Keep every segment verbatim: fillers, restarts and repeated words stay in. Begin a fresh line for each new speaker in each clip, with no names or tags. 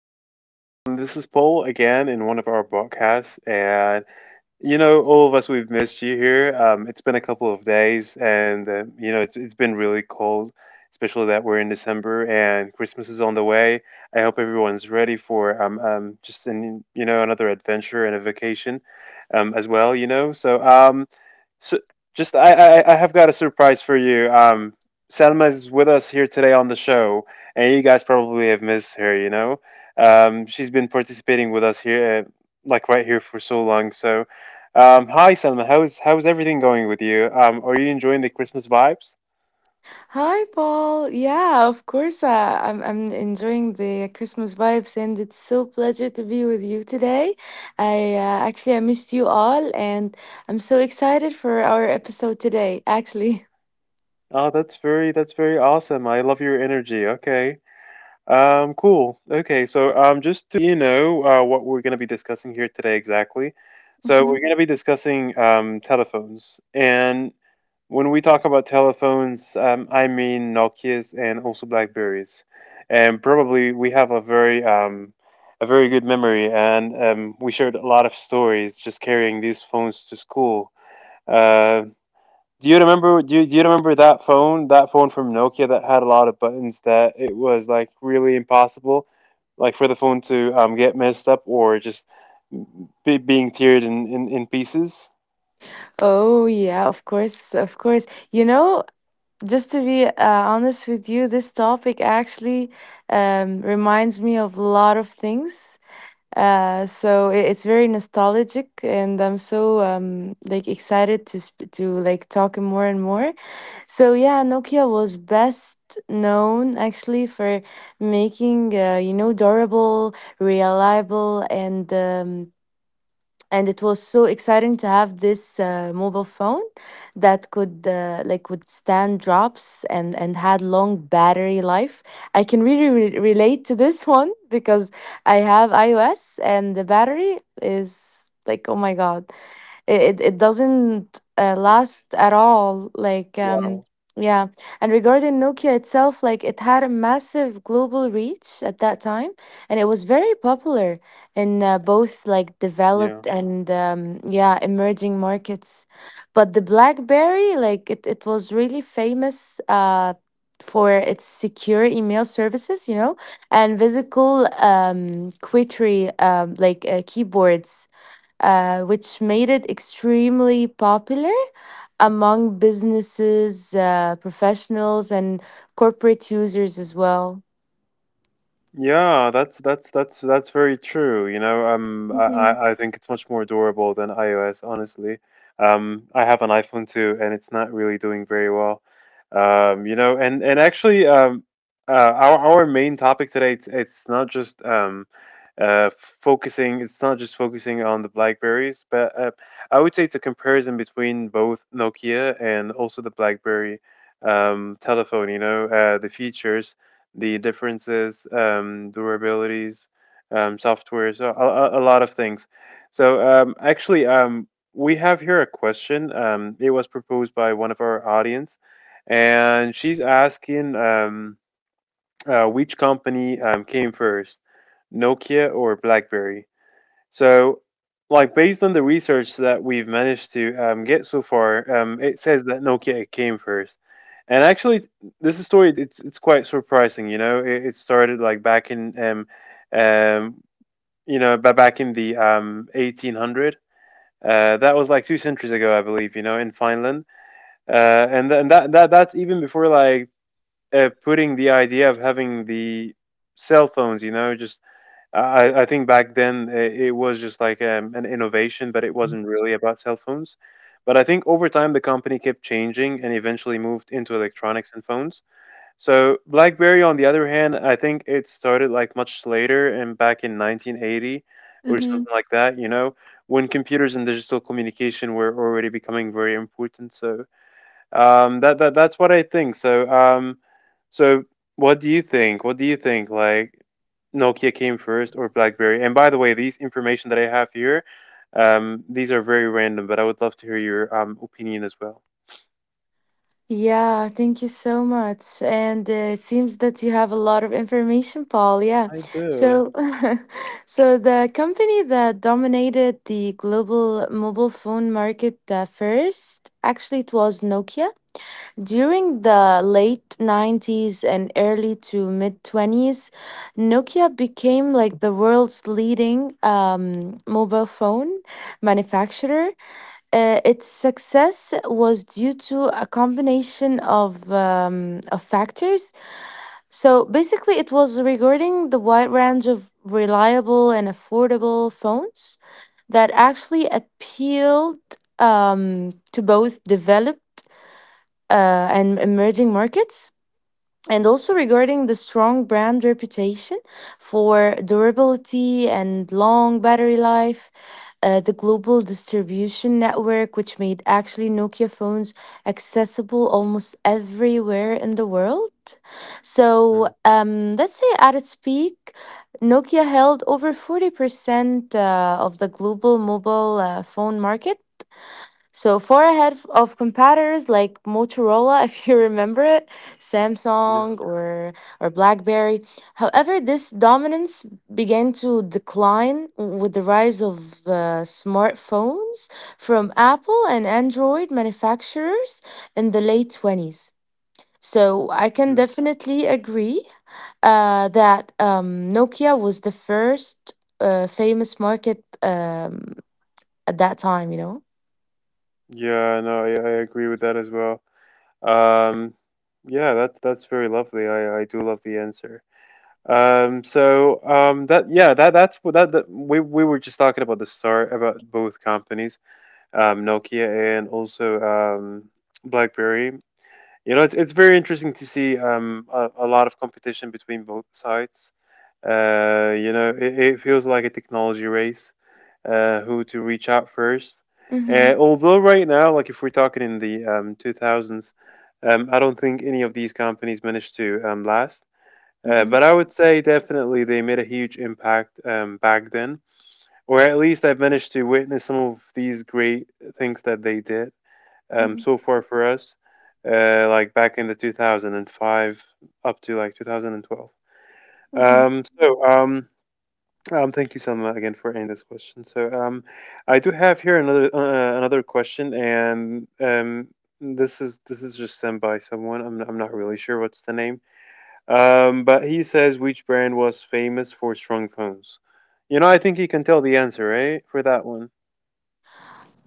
guys. Um, this is Paul again in one of our broadcasts. And, you know, all of us, we've missed you here. Um, it's been a couple of days, and, uh, you know, it's, it's been really cold, especially that we're in December and Christmas is on the way. I hope everyone's ready for um, um, just, an, you know, another adventure and a vacation um, as well, you know. So, um, so just I, I I have got a surprise for you. Um, Selma is with us here today on the show, and you guys probably have missed her. You know, um, She's been participating with us here, uh, like right here for so long. So, um, hi Selma, how's how's everything going with you? Um, are you enjoying the Christmas vibes?
Hi, Paul. Yeah, of course. Uh, I'm I'm enjoying the Christmas vibes, and it's so pleasure to be with you today. I uh, actually I missed you all, and I'm so excited for our episode today. Actually.
Oh, that's very that's very awesome. I love your energy. Okay. Um, cool. Okay, so um, just to you know uh, what we're going to be discussing here today exactly. So we're
Mhm.
going to be discussing um, telephones, and when we talk about telephones, um, I mean Nokia's and also Blackberries, and probably we have a very um, a very good memory, and um, we shared a lot of stories just carrying these phones to school. Uh, do you remember? Do you, do you remember that phone? That phone from Nokia that had a lot of buttons that it was like really impossible, like for the phone to um get messed up or just be, being teared in, in in pieces.
Oh, yeah, of course, of course. You know, just to be uh, honest with you, this topic actually um, reminds me of a lot of things. Uh, so i- it's very nostalgic, and I'm so um like excited to sp to like talk more and more. So yeah, Nokia was best known actually for making uh, you know, durable, reliable, and um, and it was so exciting to have this uh, mobile phone that could uh, like withstand drops and and had long battery life. I can really re- relate to this one because I have iOS and the battery is like, oh my god, it, it it doesn't uh,
Yeah.
last at all, like um
Wow.
yeah. And regarding Nokia itself, like it had a massive global reach at that time, and it was very popular in uh, both like developed
Yeah.
and um, yeah, emerging markets. But the BlackBerry, like it, it was really famous uh, for its secure email services, you know, and physical um, quittry um, like uh, keyboards, uh, which made it extremely popular among businesses, uh, professionals, and corporate users as well.
Yeah, that's that's that's that's very true. You know, um, I
Mm-hmm.
I I think it's much more adorable than iOS, honestly. Um, I have an iPhone too, and it's not really doing very well. Um, you know, and and actually, um, uh, our our main topic today, it's it's not just um, uh, focusing. It's not just focusing on the Blackberries, but uh, I would say it's a comparison between both Nokia and also the BlackBerry um telephone, you know uh the features, the differences, um, durabilities, um, softwares, a, a, a lot of things. So um, actually, um, we have here a question. Um, it was proposed by one of our audience, and she's asking um, uh, which company um, came first, Nokia or BlackBerry? So, like based on the research that we've managed to um, get so far, um, it says that Nokia came first. And actually, this story it's it's quite surprising. You know, it, it started like back in um, um, you know, ba- back in the um, eighteen hundreds. Uh, that was like two centuries ago, I believe. You know, in Finland, uh, and th- and that that that's even before like uh, putting the idea of having the cell phones, you know, just I, I think back then uh, it was just like um, an innovation, but it wasn't really about cell phones. But I think over time the company kept changing and eventually moved into electronics and phones. So BlackBerry, on the other hand, I think it started like much later and back in nineteen eighty or
Mm-hmm.
something like that. You know, when computers and digital communication were already becoming very important. So um, that that that's what I think. So, um, so what do you think? What do you think? Like Nokia came first or BlackBerry? And by the way, these information that I have here, um, these are very random, but I would love to hear your um opinion as well.
Yeah, thank you so much. And uh, it seems that you have a lot of information, Paul. Yeah.
I do.
So, so the company that dominated the global mobile phone market uh, first, actually, it was Nokia. During the late nineties and early to mid twenties, Nokia became like the world's leading um, mobile phone manufacturer. Uh, its success was due to a combination of, um, of factors. So basically, it was regarding the wide range of reliable and affordable phones that actually appealed um, to both developed uh, and emerging markets. And also regarding the strong brand reputation for durability and long battery life, uh, the global distribution network, which made actually Nokia phones accessible almost everywhere in the world. So
Mm.
um, let's say at its peak, Nokia held over forty percent uh, of the global mobile uh, phone market, so far ahead f- of competitors like Motorola, if you remember it, Samsung
Yeah,
or or BlackBerry. However, this dominance began to decline with the rise of uh, smartphones from Apple and Android manufacturers in the late twenties. So I can
yeah,
definitely agree uh, that um, Nokia was the first uh, famous market. Um, at that time, you know?
yeah. No, I, I agree with that as well. Um, yeah, that's that's very lovely. I I do love the answer. Um, so um, that yeah, that that's what that, that we we were just talking about the start about both companies. um, Nokia, and also um, BlackBerry. You know, it's, it's very interesting to see um, a, a lot of competition between both sides. Uh, you know, it, it feels like a technology race, uh, who to reach out first.
Mm-hmm.
Uh, although right now, like if we're talking in the um, two thousands, um, I don't think any of these companies managed to um, last. Uh,
Mm-hmm.
but I would say definitely they made a huge impact um, back then, or at least I've managed to witness some of these great things that they did um, so far for us, uh, like back in the two thousand five up to like two thousand twelve. Um, so um, um, Thank you, Selma, again for ending this question. So um, I do have here another uh, another question, and um, this is this is just sent by someone. I'm I'm not really sure what's the name. Um, but he says which brand was famous for strong phones. You know, I think you can tell the answer, right, for that one.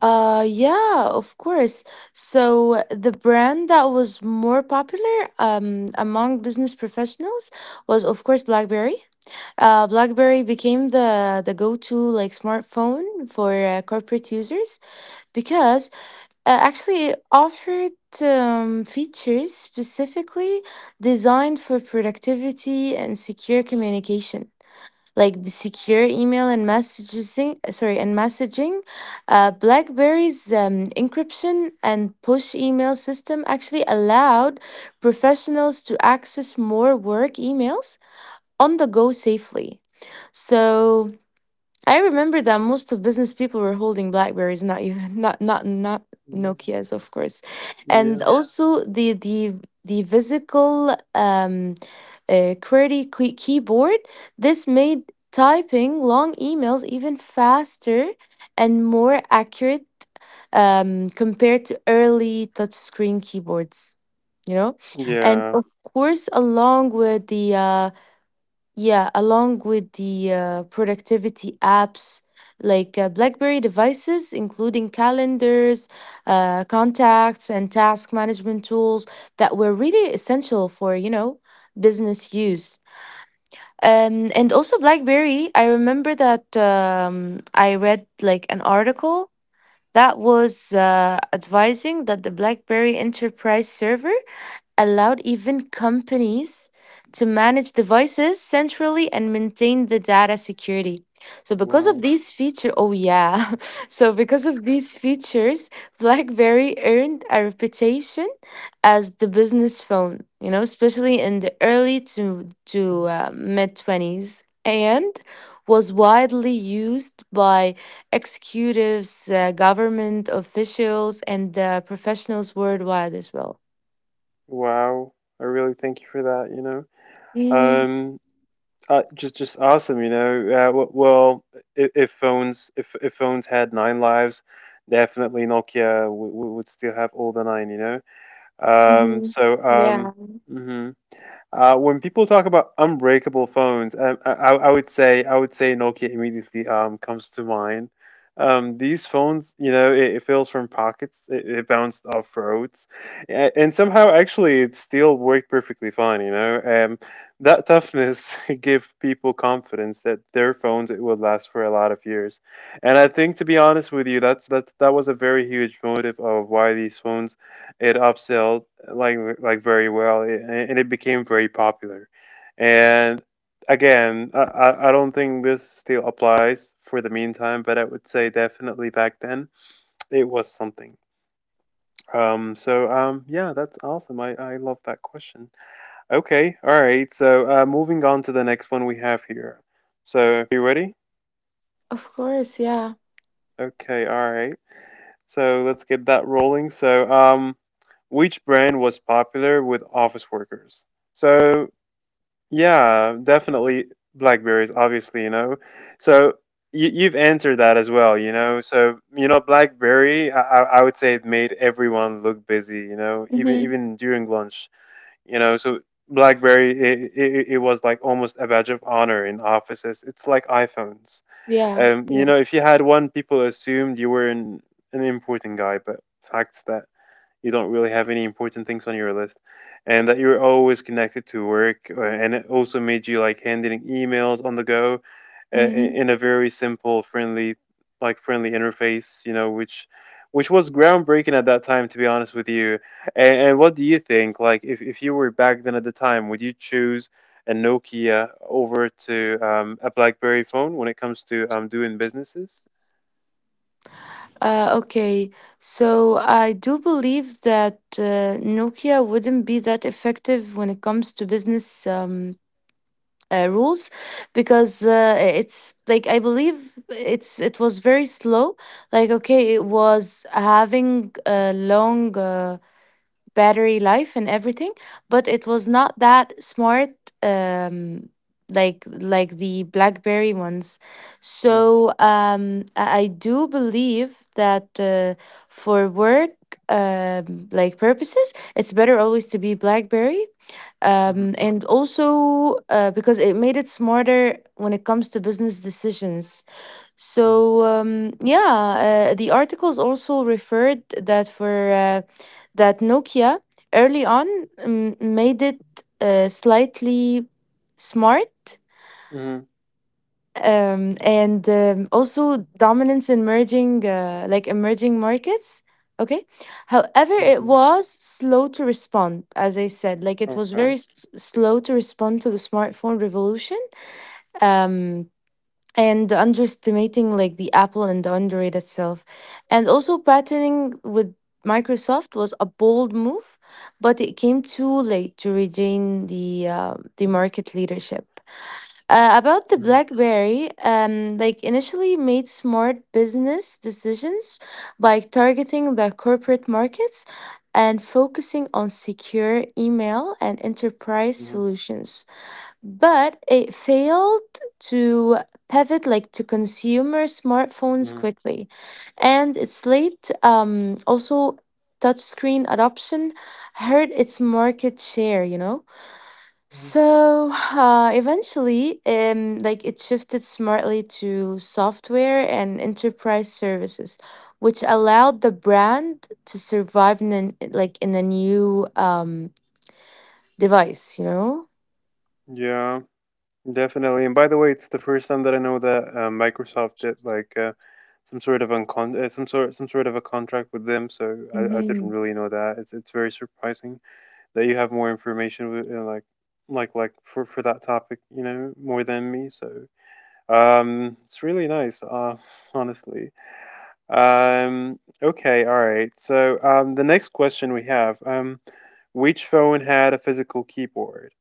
Uh, yeah, of course. So the brand that was more popular um among business professionals was, of course, BlackBerry. Uh BlackBerry became the the go-to like smartphone for uh, corporate users because uh, actually it offered um, features specifically designed for productivity and secure communication, like the secure email and messaging, uh, sorry and messaging. uh, BlackBerry's um, encryption and push email system actually allowed professionals to access more work emails on the go safely. So I remember that most of business people were holding Blackberries, not you, not not not
Yeah.
Nokia's, of course, and Yeah.
Yeah.
Also the the the physical um, uh, QWERTY key- keyboard. This made typing long emails even faster and more accurate um, compared to early touchscreen keyboards. You know, and
Yeah.
of course, along with the uh, yeah, along with the uh, productivity apps, like uh, BlackBerry devices, including calendars, uh, contacts, and task management tools that were really essential for, you know, business use. Um, and also BlackBerry, I remember that um, I read like an article that was uh, advising that the BlackBerry Enterprise server allowed even companies to manage devices centrally and maintain the data security. So, because of
Wow.
these features, oh yeah, so because of these features, BlackBerry earned a reputation as the business phone, you know, especially in the early to, to uh, mid twenties, and was widely used by executives, uh, government officials, and uh, professionals worldwide as well.
Wow, I really thank you for that. You know, um, uh, just just awesome. You know, uh, w- well, if, if phones if if phones had nine lives, definitely Nokia w- w- would still have all the nine. You know, um,
Hmm.
so
Yeah,
um, mhm. Uh, when people talk about unbreakable phones, um, I, I I would say I would say Nokia immediately um, comes to mind. Um, these phones, you know, it, it fails from pockets, it, it bounced off roads, a- and somehow actually it still worked perfectly fine. You know, um, that toughness gave people confidence that their phones it would last for a lot of years, and I think to be honest with you, that's that that was a very huge motive of why these phones it upsell like like very well, a- and it became very popular. And again, I I I don't think this still applies for the meantime, but I would say definitely back then it was something. Um, so um, yeah, that's awesome. I I love that question. Okay, all right. So uh, moving on to the next one we have here. So you ready?
of course. Yeah.
Okay, all right. So let's get that rolling. So um, which brand was popular with office workers? So yeah, definitely blackberries, obviously, you know. So you, you've answered that as well, you know. So you know, BlackBerry, I, I I would say it made everyone look busy, you know, even
Mm-hmm.
even during lunch, you know. So BlackBerry, it, it, it was like almost a badge of honor in offices. It's like iPhones.
Yeah.
Um, you
Yeah.
know, if you had one, people assumed you were an an important guy, but facts that you don't really have any important things on your list and that you're always connected to work, uh, and it also made you like handling emails on the go, uh,
Mm-hmm.
in a very simple, friendly, like friendly interface, you know, which which was groundbreaking at that time, to be honest with you. And, and what do you think? Like, if, if you were back then at the time, would you choose a Nokia over to um, a BlackBerry phone when it comes to um, doing businesses?
Uh, okay. So I do believe that uh, Nokia wouldn't be that effective when it comes to business um, uh, rules, because uh, it's like I believe it's it was very slow. Like, okay, it was having a long. Uh, battery life and everything, but it was not that smart, um like like the BlackBerry ones.
Yeah.
So um i I do believe that uh, for work um like purposes, it's better always to be BlackBerry,
Mm-hmm.
um, and also uh, because it made it smarter when it comes to business decisions. So um, yeah, uh, the articles also referred that for uh, that Nokia early on um, made it uh, slightly smart,
Mm-hmm.
um, and um, also dominance in merging uh, like emerging markets. Okay, however, it
Mm-hmm.
was slow to respond as I said, like it was very
Okay.
s- slow to respond to the smartphone revolution, um, and underestimating like the Apple and the Android itself. And also patterning with Microsoft was a bold move, but it came too late to regain the uh, the market leadership. uh, about the BlackBerry, um, like initially made smart business decisions by targeting the corporate markets and focusing on secure email and enterprise
Mm-hmm.
solutions. But it failed to pivot like to consumer smartphones quickly, and its late um, also touchscreen adoption hurt its market share. You know.
Mhm.
So uh, eventually, um, like it shifted smartly to software and enterprise services, which allowed the brand to survive in an, like in a new um, device. You know.
Yeah, definitely. And by the way, it's the first time that I know that uh, Microsoft did like uh, some sort of uncon uh, some sort some sort of a contract with them. So I, I didn't
Mm-hmm.
really know that. It's it's very surprising that you have more information with, uh, like like like for for that topic, you know, more than me. So um, it's really nice, uh, honestly. Um, okay, all right. So um, the next question we have, um, which phone had a physical keyboard?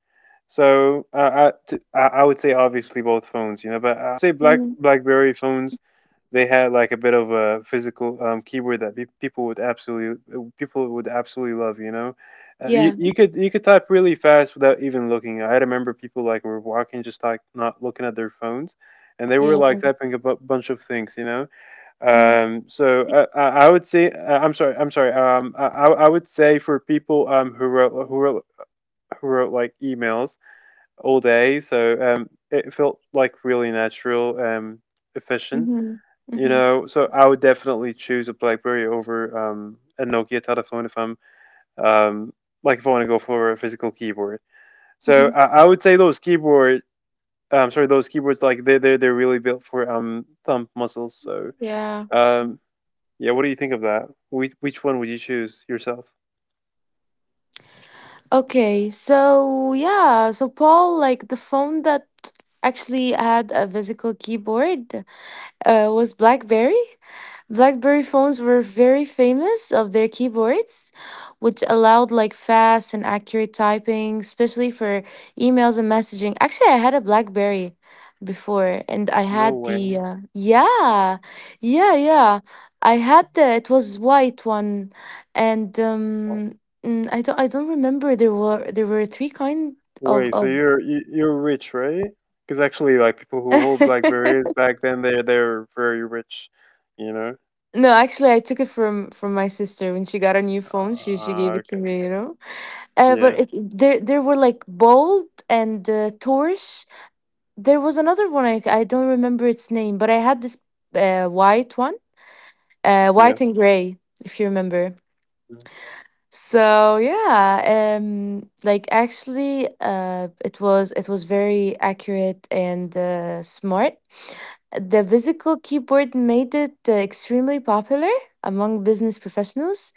So uh, I I would say obviously both phones, you know, but I'd say Black
Hmm.
BlackBerry phones, they had like a bit of a physical um, keyboard that pe- people would absolutely people would absolutely love, you know. Uh, you,
Yeah.
you could you could type really fast without even looking. I remember people like were walking just like not looking at their phones, and they were
Yeah.
like typing a bu- bunch of things, you know.
Mm-hmm.
Um, so uh, I, I would say, uh, I'm sorry, I'm sorry. Um, I, I I would say for people um who wrote who wrote who wrote like emails all day. So um, it felt like really natural, um, efficient.
Mm-hmm.
You know, so I would definitely choose a BlackBerry over um, a Nokia telephone if I'm um, like if I want to go for a physical keyboard. So
Mm-hmm.
I, I would say those keyboard, um, sorry, those keyboards, like they they they're really built for um thumb muscles. So
Yeah.
um, yeah, what do you think of that? Which which one would you choose yourself?
Okay, so yeah, so Paul, like the phone that actually had a physical keyboard, uh, was BlackBerry. BlackBerry phones were very famous of their keyboards, which allowed like fast and accurate typing, especially for emails and messaging. Actually, I had a BlackBerry before, and I
No
had the
way.
uh, yeah, yeah, yeah. I had the it was white one, and um, mm, I don't I don't remember, there were there were three kind of
Wait, so
of.
you're you, you're rich, right? Because actually, like people who hold blackberries back then, they're they're very rich, you know.
No, actually, I took it from from my sister when she got a new phone. She she gave
Uh,
it to
okay.
me, you know. Uh,
Yeah.
but it, there there were like Bold and uh, Taurus. There was another one, I I don't remember its name, but I had this uh, white one, uh,
Yeah.
white and gray, if you remember.
Mm,
So yeah, um, like actually, uh, it was it was very accurate and uh, smart. The physical keyboard made it uh, extremely popular among business professionals,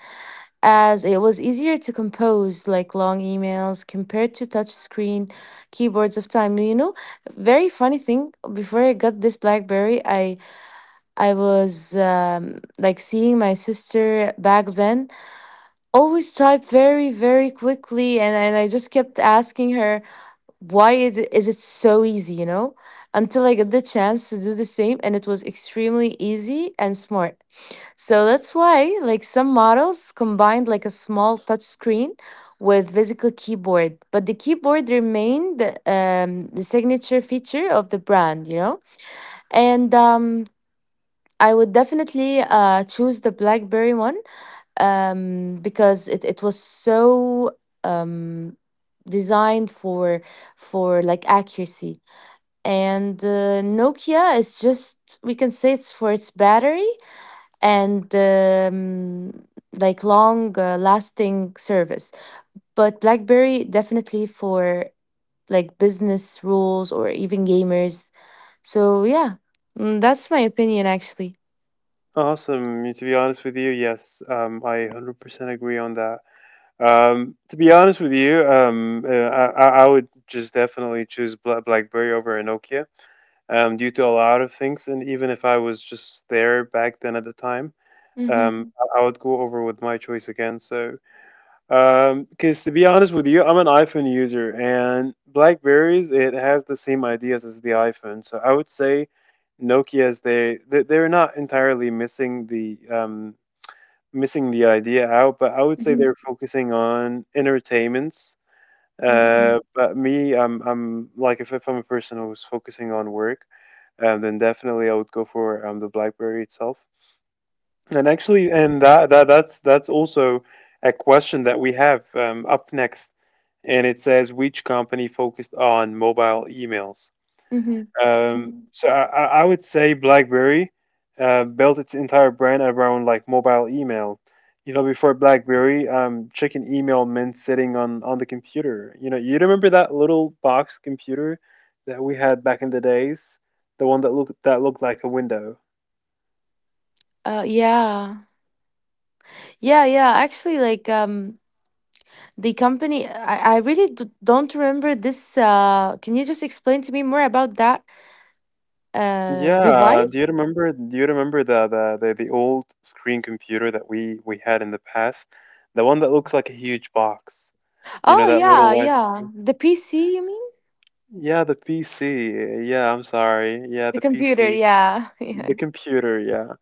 mm,
as it was easier to compose like long emails compared to touchscreen keyboards of time. You know, very funny thing, before I got this BlackBerry, I I was um, like seeing my sister back then always type very very quickly, and, and I just kept asking her, why is it, is it so easy, you know? Until I got the chance to do the same, and it was extremely easy and smart. So that's why like some models combined like a small touch screen with physical keyboard, but the keyboard remained um, the signature feature of the brand, you know.
mm.
And um, I would definitely uh, choose the BlackBerry one, um, because it, it was so um, designed for for like accuracy. And uh, Nokia is just, we can say it's for its battery and um, like long uh, lasting service. But BlackBerry definitely for like business rules or even gamers. So yeah, mm, that's my opinion actually.
Awesome. To be honest with you, yes, um, I one hundred percent agree on that. Um, to be honest with you, um, uh, I, I I would just definitely choose Bla- BlackBerry over a Nokia, um, due to a lot of things. And even if I was just there back then at the time, um,
Mm-hmm.
I, I would go over with my choice again. So Um, because to be honest with you, I'm an iPhone user, and Blackberries it has the same ideas as the iPhone. So I would say Nokia's they they- they're not entirely missing the um missing the idea out, but I would say
Mm-hmm.
they're focusing on entertainments.
Mm-hmm.
Uh, but me, I'm I'm like if, if I'm a person who's focusing on work, um, then definitely I would go for um the BlackBerry itself. And actually, and that that that's that's also a question that we have um, up next and it says which company focused on mobile emails.
Mm-hmm.
Um, so I, I would say BlackBerry uh, built its entire brand around like mobile email. You know, before BlackBerry, um, checking email meant sitting on on the computer. You know, you remember that little box computer that we had back in the days, the one that looked that looked like a window.
Uh, yeah. Yeah, yeah. Actually, like um the company, I, I really d- don't remember this. Uh can you just explain to me more about that uh
Yeah, do you
device?
remember do you remember the the, the, the old screen computer that we, we had in the past? The one that looks like a huge box. You know
Oh,
that
yeah,
little white
yeah.
screen?
The P C, you mean?
Yeah, the P C. Yeah, I'm sorry. Yeah,
The
the
computer,
P C.
yeah.
The
Yeah.
computer, yeah.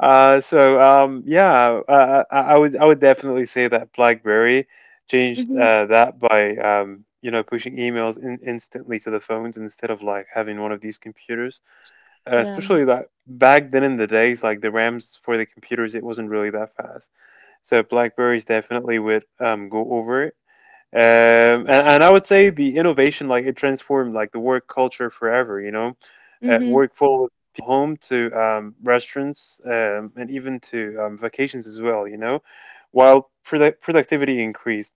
Uh, so um, yeah, uh, I, I would I would definitely say that BlackBerry changed
Mm-hmm.
uh, that by um, you know pushing emails in, instantly to the phones instead of like having one of these computers. Uh,
Yeah.
especially that back then in the days, like the RAMs for the computers, it wasn't really that fast. So Blackberries definitely would um, go over it. Um, and, and I would say the innovation, like it transformed like the work culture forever, you know, uh,
Mm-hmm.
work full of home to um, restaurants um, and even to um, vacations as well, you know, while product productivity increased,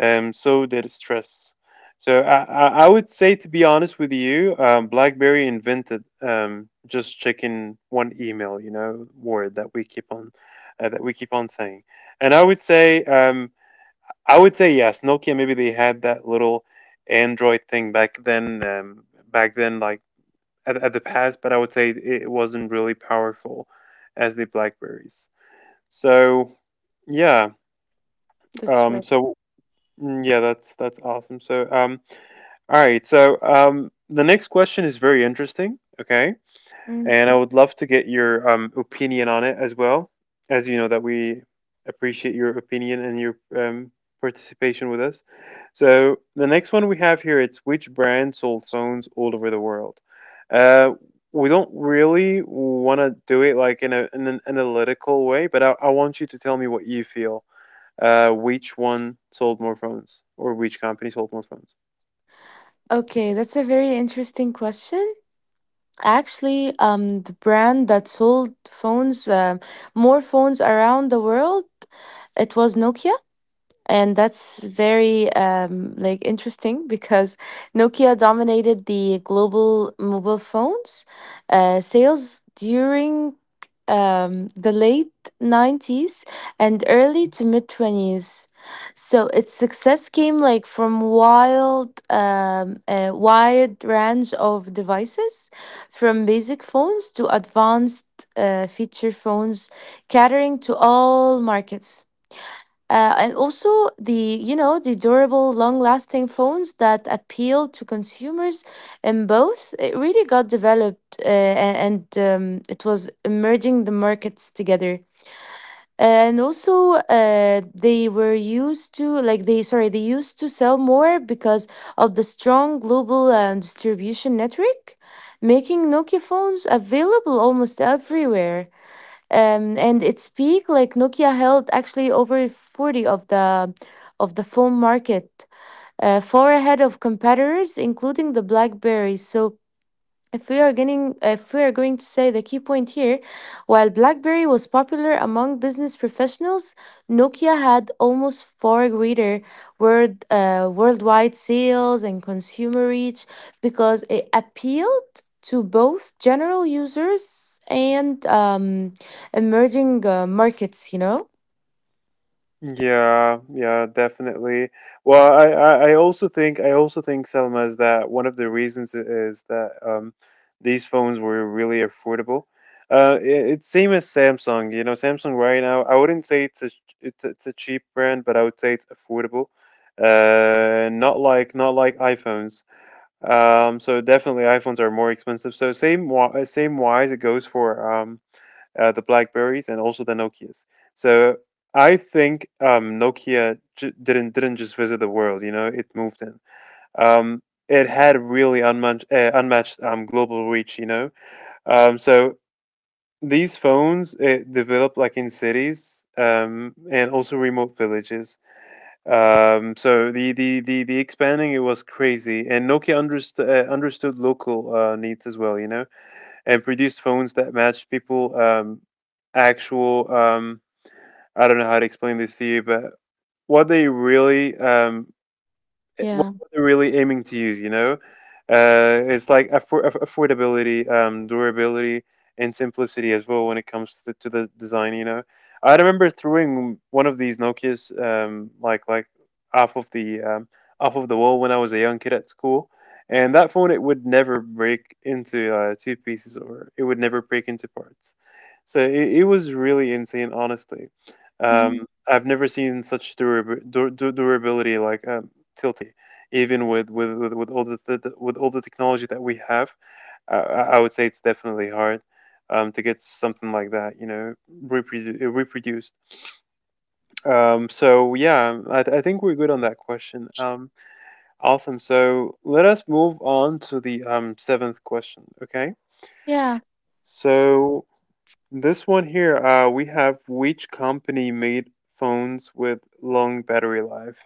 um, so did stress. So I, I I would say, to be honest with you, um, BlackBerry invented um, just checking one email, you know, word that we keep on uh, that we keep on saying. And I would say. Um, I would say yes. Nokia maybe they had that little Android thing back then, um, back then like at, at the past, but I would say it wasn't really powerful as the Blackberries. So yeah,
That's
um,
right.
so mm, yeah, that's that's awesome. So um, all right, so um, the next question is very interesting. Okay,
Mm.
and I would love to get your um, opinion on it as well. As you know that we appreciate your opinion and your um, participation with us. So the next one we have here it's which brand sold phones all over the world. Uh, we don't really want to do it like in, a, in an analytical way, but I, I want you to tell me what you feel. Uh, which one sold more phones, or which company sold more phones?
Okay, that's a very interesting question. Actually, um the brand that sold phones um more phones around the world, it was Nokia. And that's very um, like interesting because Nokia dominated the global mobile phones uh, sales during um, the late nineties and early to mid twenties. So its success came like from wild, um, a wide range of devices, from basic phones to advanced uh, feature phones, catering to all markets. Uh, and also the, you know, the durable long lasting phones that appeal to consumers in both, it really got developed uh, a- and um, it was merging the markets together. And also uh, they were used to like they sorry they used to sell more because of the strong global um, distribution network, making Nokia phones available almost everywhere. um, and its peak, like Nokia held actually over forty of the of the phone market, uh, far ahead of competitors, including the BlackBerry. So if we are getting, if we are going to say the key point here, while BlackBerry was popular among business professionals, Nokia had almost far greater world, uh, worldwide sales and consumer reach because it appealed to both general users and um, emerging uh, markets. You know?
Yeah, yeah, definitely. Well, I, I, I also think I also think Selma is that one of the reasons i- is that um, these phones were really affordable. Uh, it, it's same as Samsung. You know, Samsung right now, I wouldn't say it's a ch- it's a, it's a cheap brand, but I would say it's affordable. Uh, not like not like iPhones. Um, so definitely iPhones are more expensive. So same wi- uh, same wise it goes for um uh, the Blackberries, and also the Nokias. So I think um, Nokia j- didn't didn't just visit the world. You know, it moved in. Um, it had really unmatched uh, unmatched um, global reach. You know, um, so these phones it developed like in cities um, and also remote villages. Um, so the, the, the, the expanding it was crazy, and Nokia underst- uh, understood local uh, needs as well. You know, and produce phones that match people um, actual um, I don't know how to explain this to you but what they really um, it- what
Yeah.
they're really aiming to use. You know, uh, it's like affor- aff- affordability, um, durability, and simplicity as well when it comes to the, to the design. You know, I remember throwing one of these Nokia's um, like like off of the um, off of the wall when I was a young kid at school. And that phone, it would never break into uh, two pieces, or it would never break into parts. So it, it was really insane, honestly. Um,
Mhm.
I've never seen such durab- dur- dur- durability like uh, tilting. Even with with with, with all the, the with all the technology that we have, I, I would say it's definitely hard um, to get something like that, you know, reprodu- uh, reproduced. Um, so yeah, I, th- I think we're good on that question. Um, awesome. So let us move on to the um, seventh question. Okay.
Yeah.
So this one here, uh, we have which company made phones with long battery life?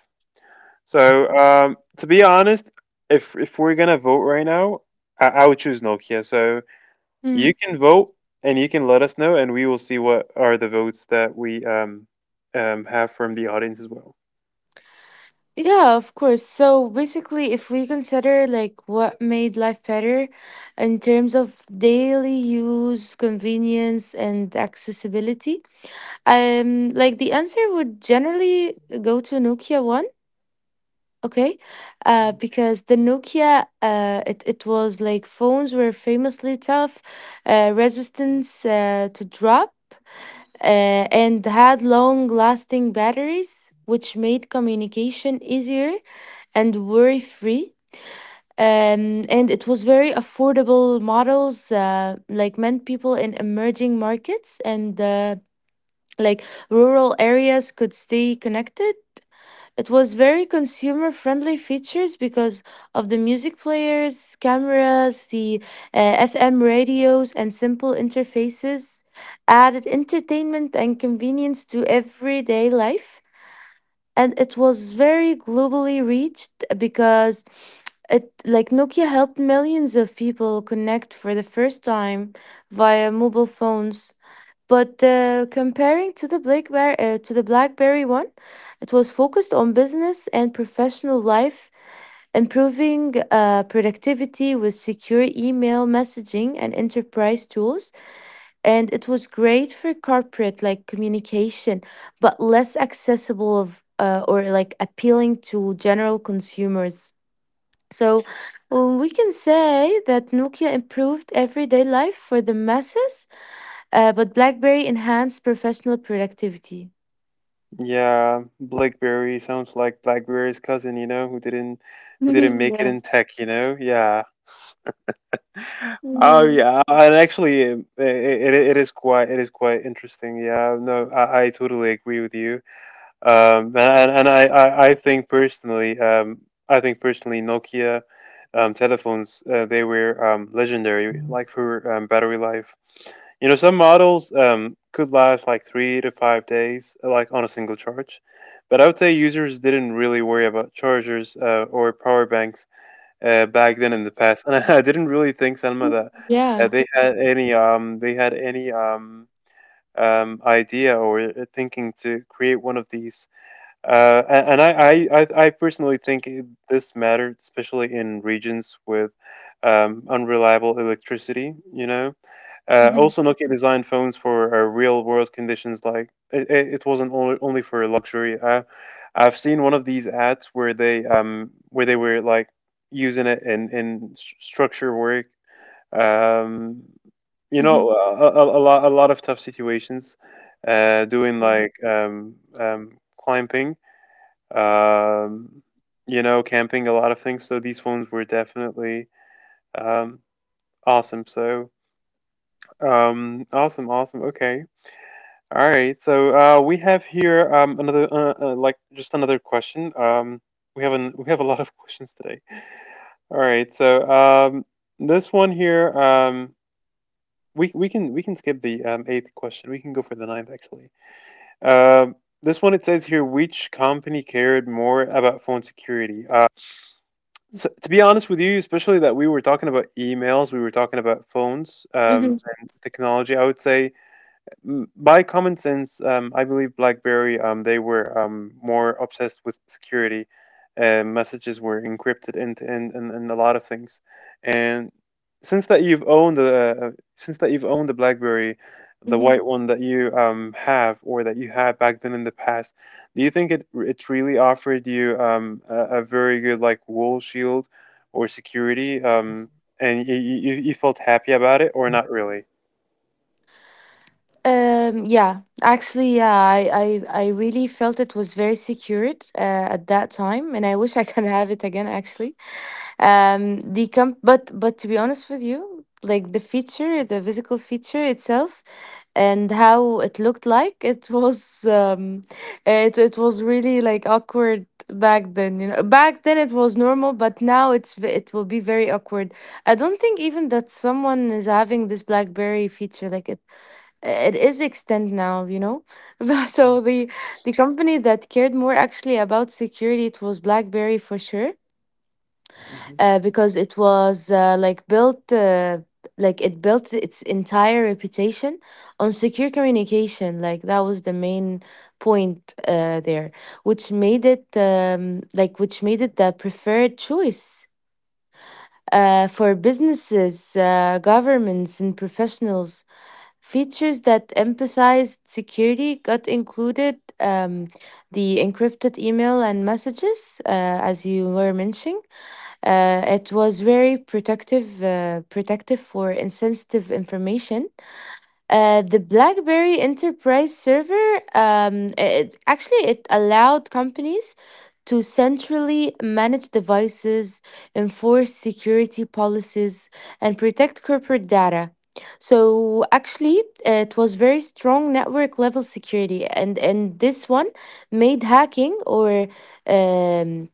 So, um, to be honest, if if we're gonna vote right now, I, I would choose Nokia. So you can vote and you can let us know, and we will see what are the votes that we um, um, have from the audience as well.
Yeah, of course. So basically, if we consider like what made life better in terms of daily use, convenience, and accessibility, um, like the answer would generally go to Nokia one, okay? Uh,
Mhm.
because the Nokia, uh, it it was like phones were famously tough, uh, resistance uh, to drop, uh, and had long lasting batteries, which made communication easier and worry free. Um, and it was very affordable models, uh, like meant people in emerging markets and uh, like rural areas could stay connected. It was very consumer friendly features because of the music players, cameras, the uh, F M radios, and simple interfaces added entertainment and convenience to everyday life. And it was very globally reached because it like Nokia helped millions of people connect for the first time via mobile phones. But uh, comparing to the BlackBerry uh, to the BlackBerry one, it was focused on business and professional life, improving uh, productivity with secure email messaging and enterprise tools. And it was great for corporate like communication, but less accessible of, uh, or like appealing to general consumers. So um, we can say that Nokia improved everyday life for the masses, uh, but BlackBerry enhanced professional productivity.
Yeah, BlackBerry sounds like BlackBerry's cousin, you know, who didn't who didn't make it
Yeah.
in tech, you know? Yeah. Oh
Yeah.
yeah, and actually, um, it, it it is quite it is quite interesting. Yeah, no, I, I totally agree with you. Um, and and I, I, I think personally, um, I think personally, Nokia um, telephones uh, they were um, legendary, like for um, battery life. You know, some models um, could last like three to five days, like on a single charge. But I would say users didn't really worry about chargers uh, or power banks uh, back then in the past, and I didn't really think, Selma, that uh,
Yeah.
they had any um, they had any um, um, idea or uh, thinking to create one of these uh, a- and I, I, I I personally think it- this mattered, especially in regions with um, unreliable electricity. You know, uh,
Hmm.
also Nokia designed phones for uh, real-world conditions. Like it, it it wasn't only, only for luxury. I, I've seen one of these ads where they um where they were like using it in in s- structure work. Um, you
Hmm.
know, a, a, a lot a lot of tough situations. Uh, doing like um, um, climbing um, you know, camping, a lot of things. So these ones were definitely um, awesome. So um, awesome, awesome. Okay. All right. So uh, we have here um, another, uh, uh, like, just another question. Um, we have an, we have a lot of questions today. All right. So um, this one here, um, we we can we can skip the um, eighth question. We can go for the ninth actually. Um, this one it says here, which company cared more about phone security? Uh, So, to be honest with you, especially that we were talking about emails, we were talking about phones um, and technology, I would say m- by common sense, um, I believe BlackBerry um, they were um, more obsessed with security. Uh, messages were encrypted and and, and and a lot of things. And since that you've owned the uh, since that you've owned the BlackBerry, the
Hmm.
white one that you um, have or that you had back then in the past, do you think it it really offered you um, a, a very good like wool shield or security? Um, and you, you you felt happy about it or not really?
Um, yeah, actually, yeah, I, I, I really felt it was very secured uh, at that time, and I wish I can have it again, actually. Um the comp but but to be honest with you, like the feature, the physical feature itself and how it looked like, it was um it it was really like awkward back then. You know, back then it was normal, but now it's v- it will be very awkward. I don't think even that someone is having this BlackBerry feature like it. It is extend now, you know. So the the company that cared more actually about security, it was BlackBerry for sure.
Mhm.
Uh, because it was uh, like built uh, like it built its entire reputation on secure communication, like that was the main point uh, there, which made it um, like which made it the preferred choice uh, for businesses, uh, governments and professionals. Features that emphasized security got included, um, the encrypted email and messages, uh, as you were mentioning. Uh, it was very protective, uh, protective for insensitive information. Uh, the BlackBerry Enterprise Server, um, it, actually it allowed companies to centrally manage devices, enforce security policies, and protect corporate data. So actually, it was very strong network level security, and and this one made hacking or um,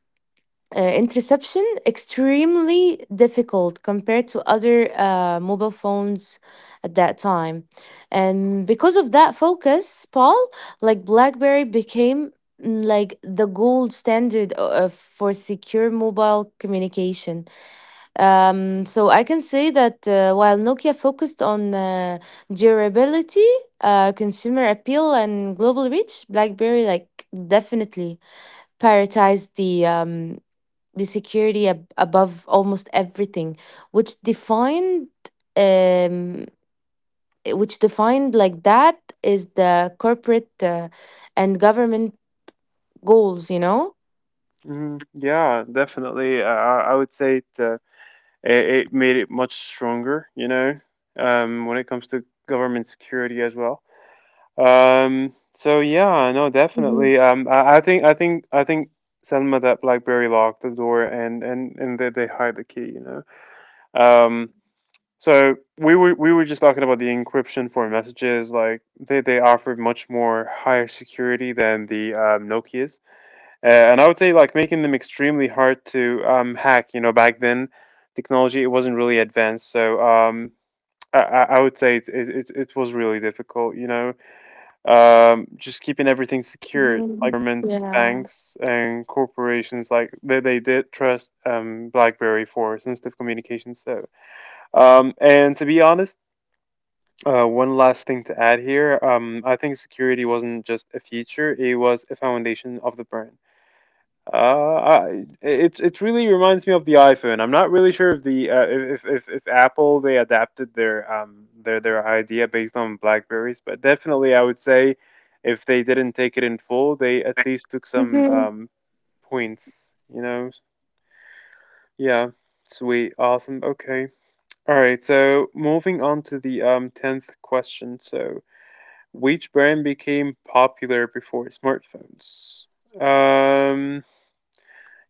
uh, interception extremely difficult compared to other uh, mobile phones at that time. And because of that focus, Paul, like BlackBerry became, mm, like the gold standard o- uh, for secure mobile communication. Um, so I can say that uh, while Nokia focused on uh, durability, uh, consumer appeal and global reach, BlackBerry like definitely prioritized the um, the security ab- above almost everything, which defined um which defined like that is the corporate uh, and government goals, you know.
Mm, yeah, definitely. I, I I would say it, uh, it it made it much stronger, you know, um, when it comes to government security as well. Um, so yeah, no,
Hmm.
definitely. Um, I, I think I think I think Selma that BlackBerry locked the door and and and they, they hide the key, you know. Um, so we were we were just talking about the encryption for messages. Like they they offered much more higher security than the um, Nokia's. Uh, and I would say like making them extremely hard to um, hack. You know, back then technology it wasn't really advanced, so um, I, I I would say it, it it it was really difficult. You know, um, just keeping everything secure, like
Hmm.
governments,
Yeah.
banks, and corporations, like they they did trust um, BlackBerry for sensitive communication. So, um, and to be honest. Uh, one last thing to add here. Um, I think security wasn't just a feature; it was a foundation of the brand. Uh, I, it it really reminds me of the iPhone. I'm not really sure if the uh, if, if if Apple they adapted their um their their idea based on Blackberries, but definitely I would say if they didn't take it in full, they at least took some
Hmm.
um points. You know, yeah, sweet, awesome, okay, all right. So moving on to the um tenth question. So which brand became popular before smartphones? Um.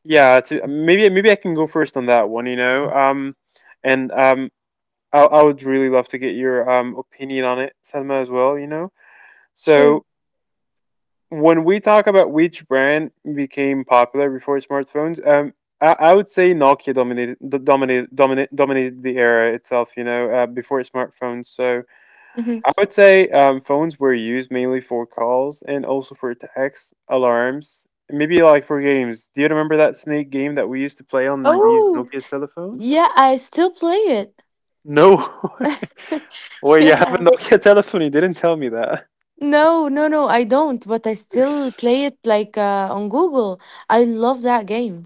Yeah, it's, uh, maybe maybe I can go first on that one, you know. Um, and um, I, I would really love to get your um opinion on it, Selma, as well, you know.
Sure.
So when we talk about which brand became popular before smartphones, um, I, I would say Nokia dominated dominated dominated dominated the era itself, you know, uh, before smartphones. So
Hmm.
I would say um, phones were used mainly for calls and also for texts, alarms, maybe like for games. Do you remember that snake game that we used to play on these
Oh.
Nokia's telephone?
Yeah, I still play it.
No. Wait, you have a
Yeah.
Nokia telephone? You didn't tell me that.
No, no, no, I don't, but I still play it like uh, on Google. I love that game.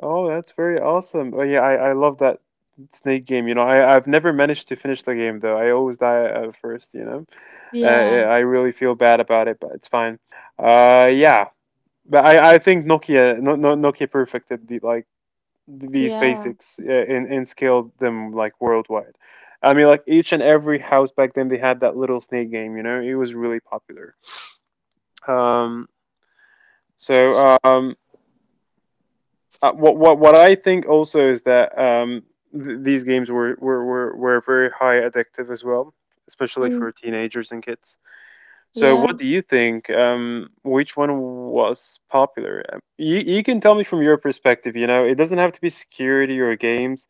Oh, that's very awesome. Oh yeah, I, I love that snake game. You know, I I've never managed to finish the game though. I always die uh, first. You know, uh,
Yeah.
I really feel bad about it, but it's fine. Uh, yeah. But I, I think Nokia no, no, Nokia perfected the like these
Yeah.
basics uh, and, and scaled them like worldwide. I mean, like each and every house back then, they had that little snake game. You know, it was really popular. Um, so um, uh, what what what I think also is that um, th- these games were, were were were very high addictive as well, especially
Mm.
for teenagers and kids. So
Yeah.
what do you think? Um, which one was popular? Um, You you can tell me from your perspective. You know, it doesn't have to be security or games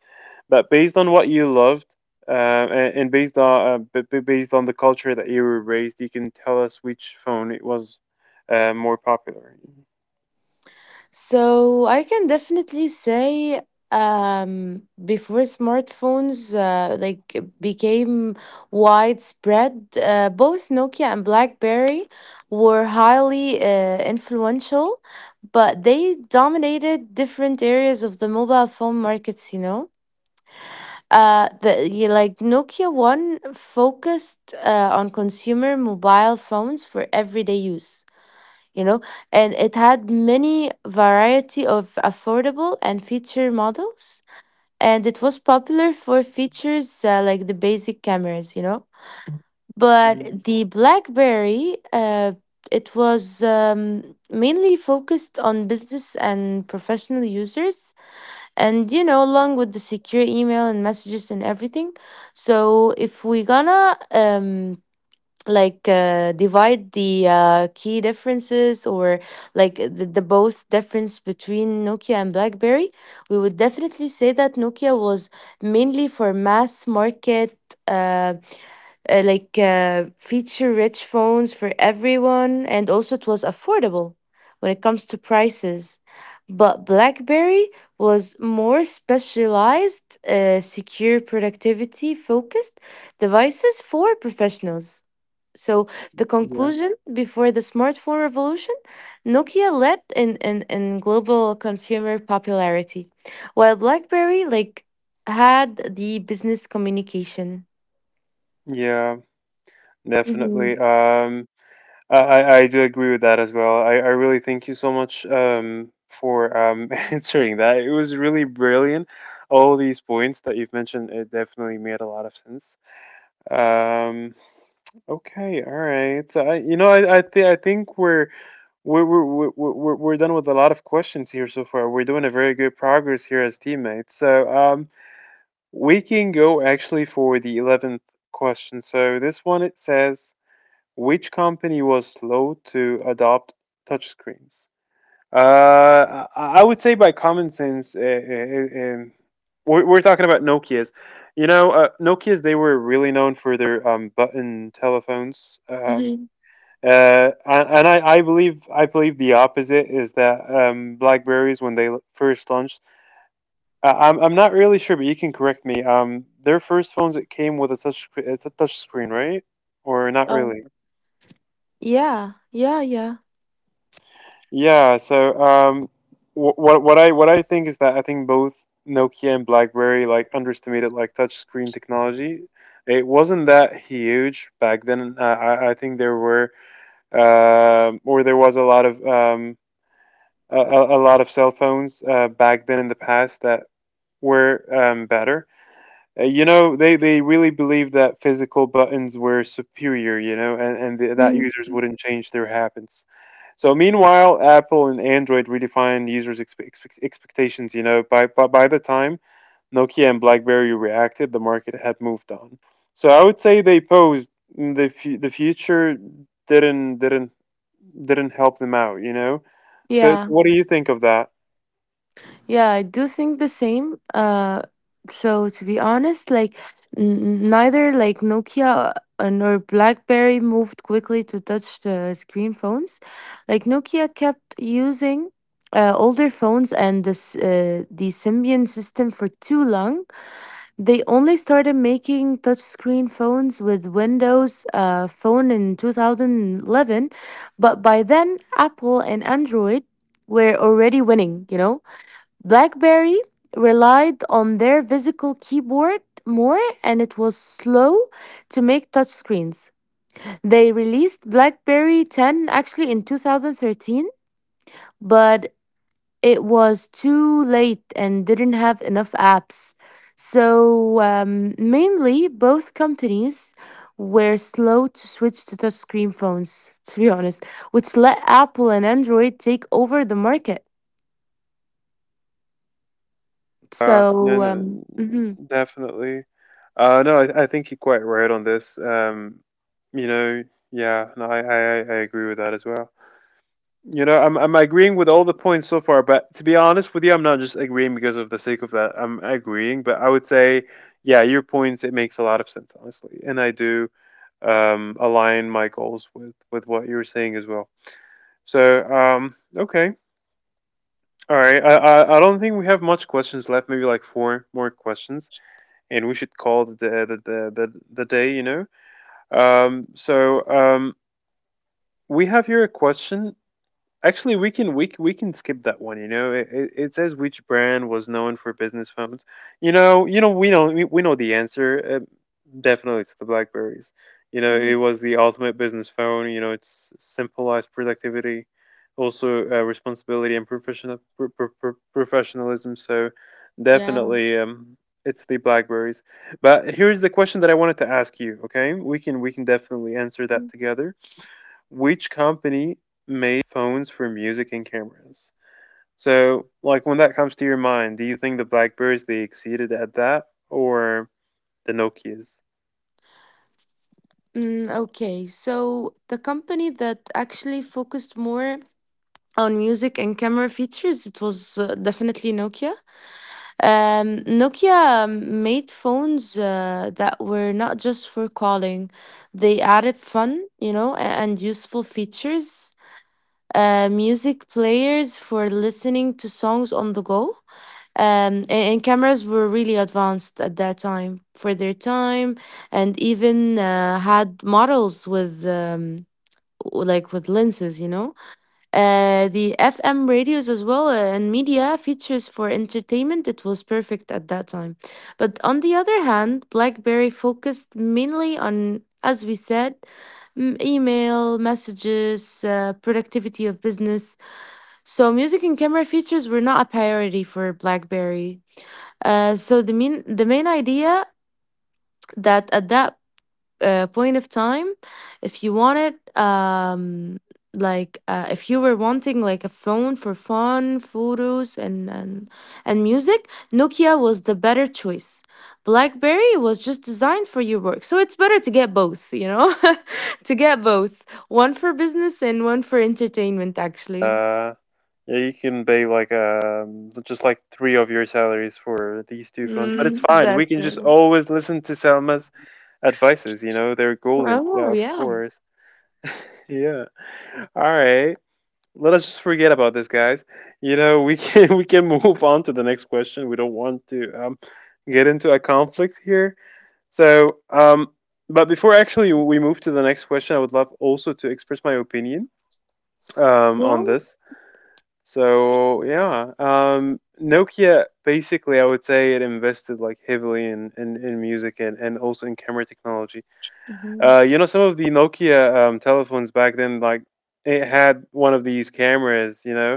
but based on what you loved uh, and, and based on uh, b- b- based on the culture that you were raised, you can tell us which phone it was uh, more popular.
So I can definitely say um before smartphones uh, like became widespread, uh, both Nokia and BlackBerry were highly uh, influential, but they dominated different areas of the mobile phone markets, you know. Uh the you Like Nokia one focused uh, on consumer mobile phones for everyday use, you know, and it had many variety of affordable and feature models, and it was popular for features uh, like the basic cameras, you know.
Mhm.
But the BlackBerry, uh, it was um, mainly focused on business and professional users, and you know, along with the secure email and messages and everything. So if we gonna um, like uh, divide the uh, key differences, or like the, the both difference between Nokia and BlackBerry, we would definitely say that Nokia was mainly for mass market, uh, uh, like uh, feature rich phones for everyone, and also it was affordable when it comes to prices. But BlackBerry was more specialized, uh, secure, productivity focused devices for professionals. So the
Yeah,
conclusion, before the smartphone revolution, Nokia led in, in, in global consumer popularity, while BlackBerry like had the business communication.
yeah,
Mm-hmm.
definitely. Um, I, I I do agree with that as well. I, I really thank you so much um, for um, answering that. It was really brilliant. All these points that you've mentioned, it definitely made a lot of sense. Um, okay, all right. So I, you know, I I, th- I think we're We're, we're, we're, we're we're done with a lot of questions here so far. We're doing a very good progress here as teammates. So um, we can go actually for the eleventh question. So this one it says, which company was slow to adopt touchscreens? Uh, I I would say by common sense, uh, uh, uh, um, we're, we're talking about Nokia's. You know, uh, Nokia's, they were really known for their um, button telephones. Um,
Mm-hmm.
uh, and and I, I believe I believe the opposite is that um, BlackBerries when they l- first launched, uh, I'm I'm not really sure, but you can correct me. Um, their first phones it came with a touch sc- it's a touch screen, right? Or not
Um,
really?
yeah, yeah, yeah.
Yeah. So um, wh- what what I what I think is that I think both Nokia and BlackBerry like underestimated like touch screen technology. It wasn't that huge back then. Uh, I I think there were um or there was a lot of um a, a lot of cell phones uh, back then in the past that were um, better. Uh, you know, they, they really believed that physical buttons were superior, you know, and, and th- that
Mm,
users wouldn't change their habits. So, meanwhile, Apple and Android redefined users' expe- expe- expectations, you know. By, by, by the time Nokia and Blackberry reacted, the market had moved on. So, I would say they posed the, fu- the future didn't, didn't, didn't help them out, you know. So, so
yeah.
what do you think of that?
Yeah, I do think the same. Uh, so to be honest, like n- neither like Nokia uh, nor BlackBerry moved quickly to touch uh, screen phones. Like Nokia kept using uh, older phones and this uh, the Symbian system for too long. They only started making touch screen phones with Windows uh, Phone in two thousand eleven, but by then Apple and Android were already winning. You know, BlackBerry relied on their physical keyboard more and it was slow to make touchscreens. They released BlackBerry ten actually in two thousand thirteen, but it was too late and didn't have enough apps. So, um, mainly both companies were slow to switch to touchscreen phones, to be honest, which let Apple and Android take over the market.
Uh, no,
So,
no,
um, mhm,
definitely. Uh, no, I, I think you're quite right on this. Um, you know, yeah, no, I, I, I I agree with that as well. You know, I'm, I'm agreeing with all the points so far, but to be honest with you, I'm not just agreeing because of the sake of that. I'm agreeing, but I would say, yeah, your points, it makes a lot of sense, honestly. And I do um, align my goals with, with what you're saying as well. So, um, okay. All right. I, I, I don't think we have much questions left, maybe like four more questions and we should call the the the the, the day. You know. Um, so um, we have here a question. Actually, we can we, c- we can skip that one. You know, it, it, it says which brand was known for business phones. You know, you know we know we, we know the answer. Uh, Definitely, it's the Blackberries. You know, it
hmm.
was the ultimate business phone. You know, it's symbolized productivity, also uh, responsibility and professional pro- pro- pro- professionalism. So,
Yeah.
definitely, um, it's the Blackberries. But here's the question that I wanted to ask you. Okay, we can we can definitely answer that together. Which company made phones for music and cameras? So, like, when that comes to your mind, do you think the Blackberries they exceeded at that, or the Nokias?
Mm, okay, so the company that actually focused more on music and camera features, it was uh, definitely Nokia. Um, Nokia um, made phones uh, that were not just for calling. They added fun, you know, a- and useful features, uh, music players for listening to songs on the go, um, a- and cameras were really advanced at that time for their time, and even uh, had models with um, w- like with lenses, you know. Uh, the F M radios as well uh, and media features for entertainment. It was perfect at that time, but on the other hand, BlackBerry focused mainly on, as we said, m- email messages, uh, productivity of business. So music and camera features were not a priority for BlackBerry. Uh, so the main the main idea, that at that uh, point of time, if you wanted um like uh, if you were wanting like a phone for fun, photos and and and music, Nokia was the better choice. BlackBerry was just designed for your work, so it's better to get both. You know, to get both, one for business and one for entertainment. Actually,
Uh, yeah, you can pay like um just like three of your salaries for these two phones, but it's
mm,
fine. We
that's
can
right.
just always listen to Selma's advices. You know, they're golden. Yeah,
Oh
of
yeah,
course. Yeah. All right. Let us just forget about this, guys. You know, we can we can move on to the next question. We don't want to um get into a conflict here. So, um, but before actually we move to the next question, I would love also to express my opinion um
yeah.
on this. So yeah, um, Nokia basically, I would say it invested like heavily in in, in music and, and also in camera technology.
Hmm.
Uh, you know, some of the Nokia um, telephones back then, like it had one of these cameras, you know,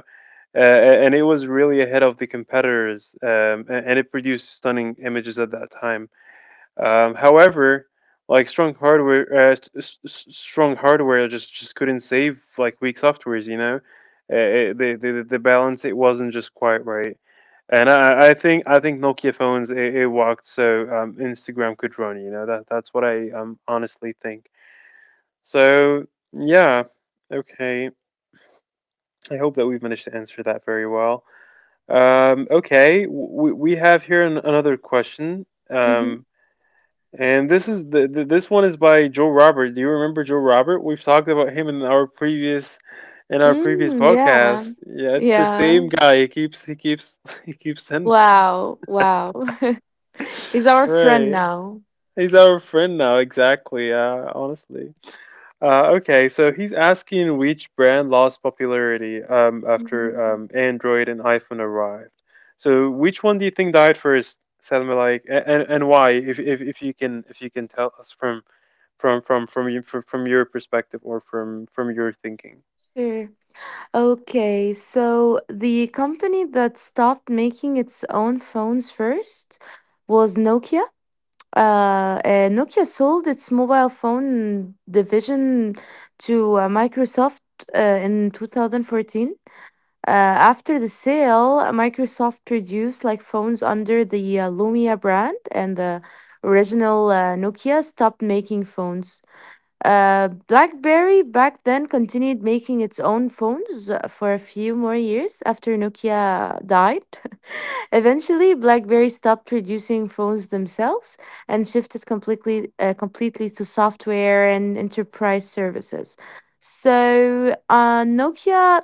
uh, and it was really ahead of the competitors, um, a- and it produced stunning images at that time. Um, however, like strong hardware, uh, s- s- s- strong hardware just just couldn't save like weak softwares. You know, uh, it, the, the the balance it wasn't just quite right. And I, I think I think Nokia phones it, it walked so um, Instagram could run. You know that that's what I um, honestly think. So yeah, okay. I hope that we've managed to answer that very well. Um, okay, w- we we have here an, another question. Um, and this is the, the this one is by Joe Robert. Do you remember Joe Robert? We've talked about him in our previous in our previous
Mm, yeah.
podcast. Yeah, it's the
Yeah.
same guy. He keeps he keeps he keeps sending.
Wow. Wow. He's our friend
Right.
now.
He's our friend now, exactly. Uh, honestly. Uh, okay, so he's asking which brand lost popularity um, after
Mhm.
um, Android and iPhone arrived. So which one do you think died first, Salma? Like, a- and and why? If if if you can if you can tell us from from from from you from, from your perspective or from from your thinking.
Sure. Okay, so the company that stopped making its own phones first was Nokia. Uh, uh, Nokia sold its mobile phone division to uh, Microsoft uh, in twenty fourteen. Uh, after the sale, Microsoft produced like phones under the uh, Lumia brand, and the original uh, Nokia stopped making phones. Uh, BlackBerry back then continued making its own phones uh, for a few more years after Nokia died. Eventually, BlackBerry stopped producing phones themselves and shifted completely uh, completely to software and enterprise services. So, uh, Nokia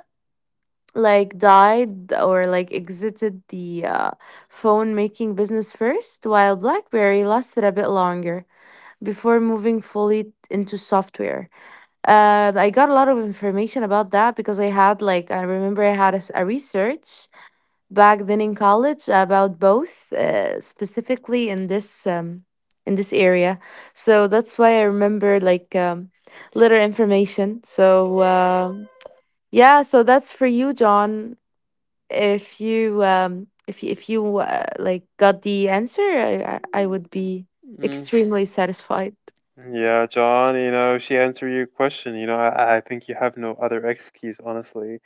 like died, or like exited the uh, phone making business first, while BlackBerry lasted a bit longer before moving fully into software. Um, I got a lot of information about that because I had like I remember I had a, s- a research back then in college about both, uh, specifically in this um, in this area. So that's why I remember like um, little information. So. Um, yeah, so that's for you, John. If you um if you, if you uh, like got the answer, I, I I would be extremely satisfied.
Yeah, John, you know, she answered your question. You know, I, I think you have no other excuse, honestly.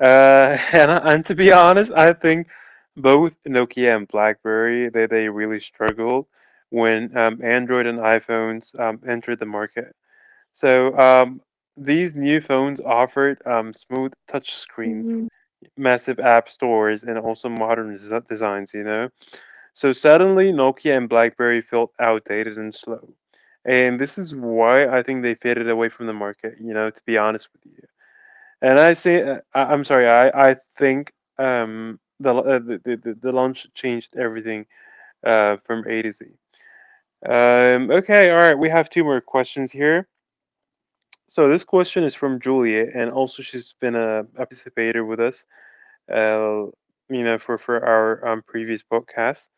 Uh, and, I- and to be honest, I think both Nokia and BlackBerry, they, they really struggled when um, Android and iPhones um, entered the market. So um, these new phones offered um, smooth touch
Mhm.
screens, massive app stores, and also modern des- designs, you know. So suddenly, Nokia and BlackBerry felt outdated and slow. And this is why I think they faded away from the market, you know, to be honest with you. And I say, uh, I, I'm sorry, I, I think um, the, uh, the, the, the launch changed everything uh, from A to Z. Um, okay, all right, we have two more questions here. So this question is from Julia, and also she's been a, a participator with us, uh, you know, for, for our um, previous podcast.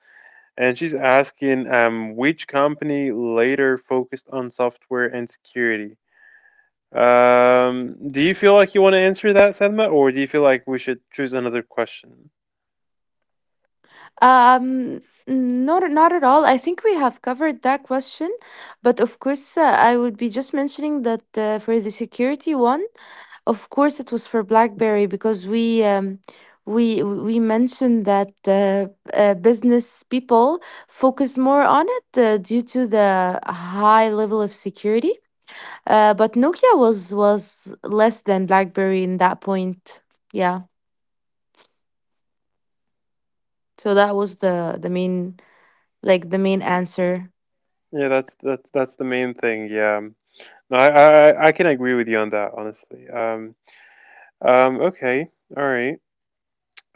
And she's asking um, which company later focused on software and security. Um, do you feel like you want to answer that, Sedma, or do you feel like we should choose another question?
Um, Not not at all. I think we have covered that question, but of course, uh, I would be just mentioning that uh, for the security one, of course, it was for BlackBerry because we um we we mentioned that uh, uh, business people focus more on it uh, due to the high level of security. Uh, but Nokia was was less than BlackBerry in that point. Yeah. So that was the the main, like the main answer.
Yeah, that's that's that's the main thing. Yeah, no, I I, I can agree with you on that, honestly. Um, um, okay, all right,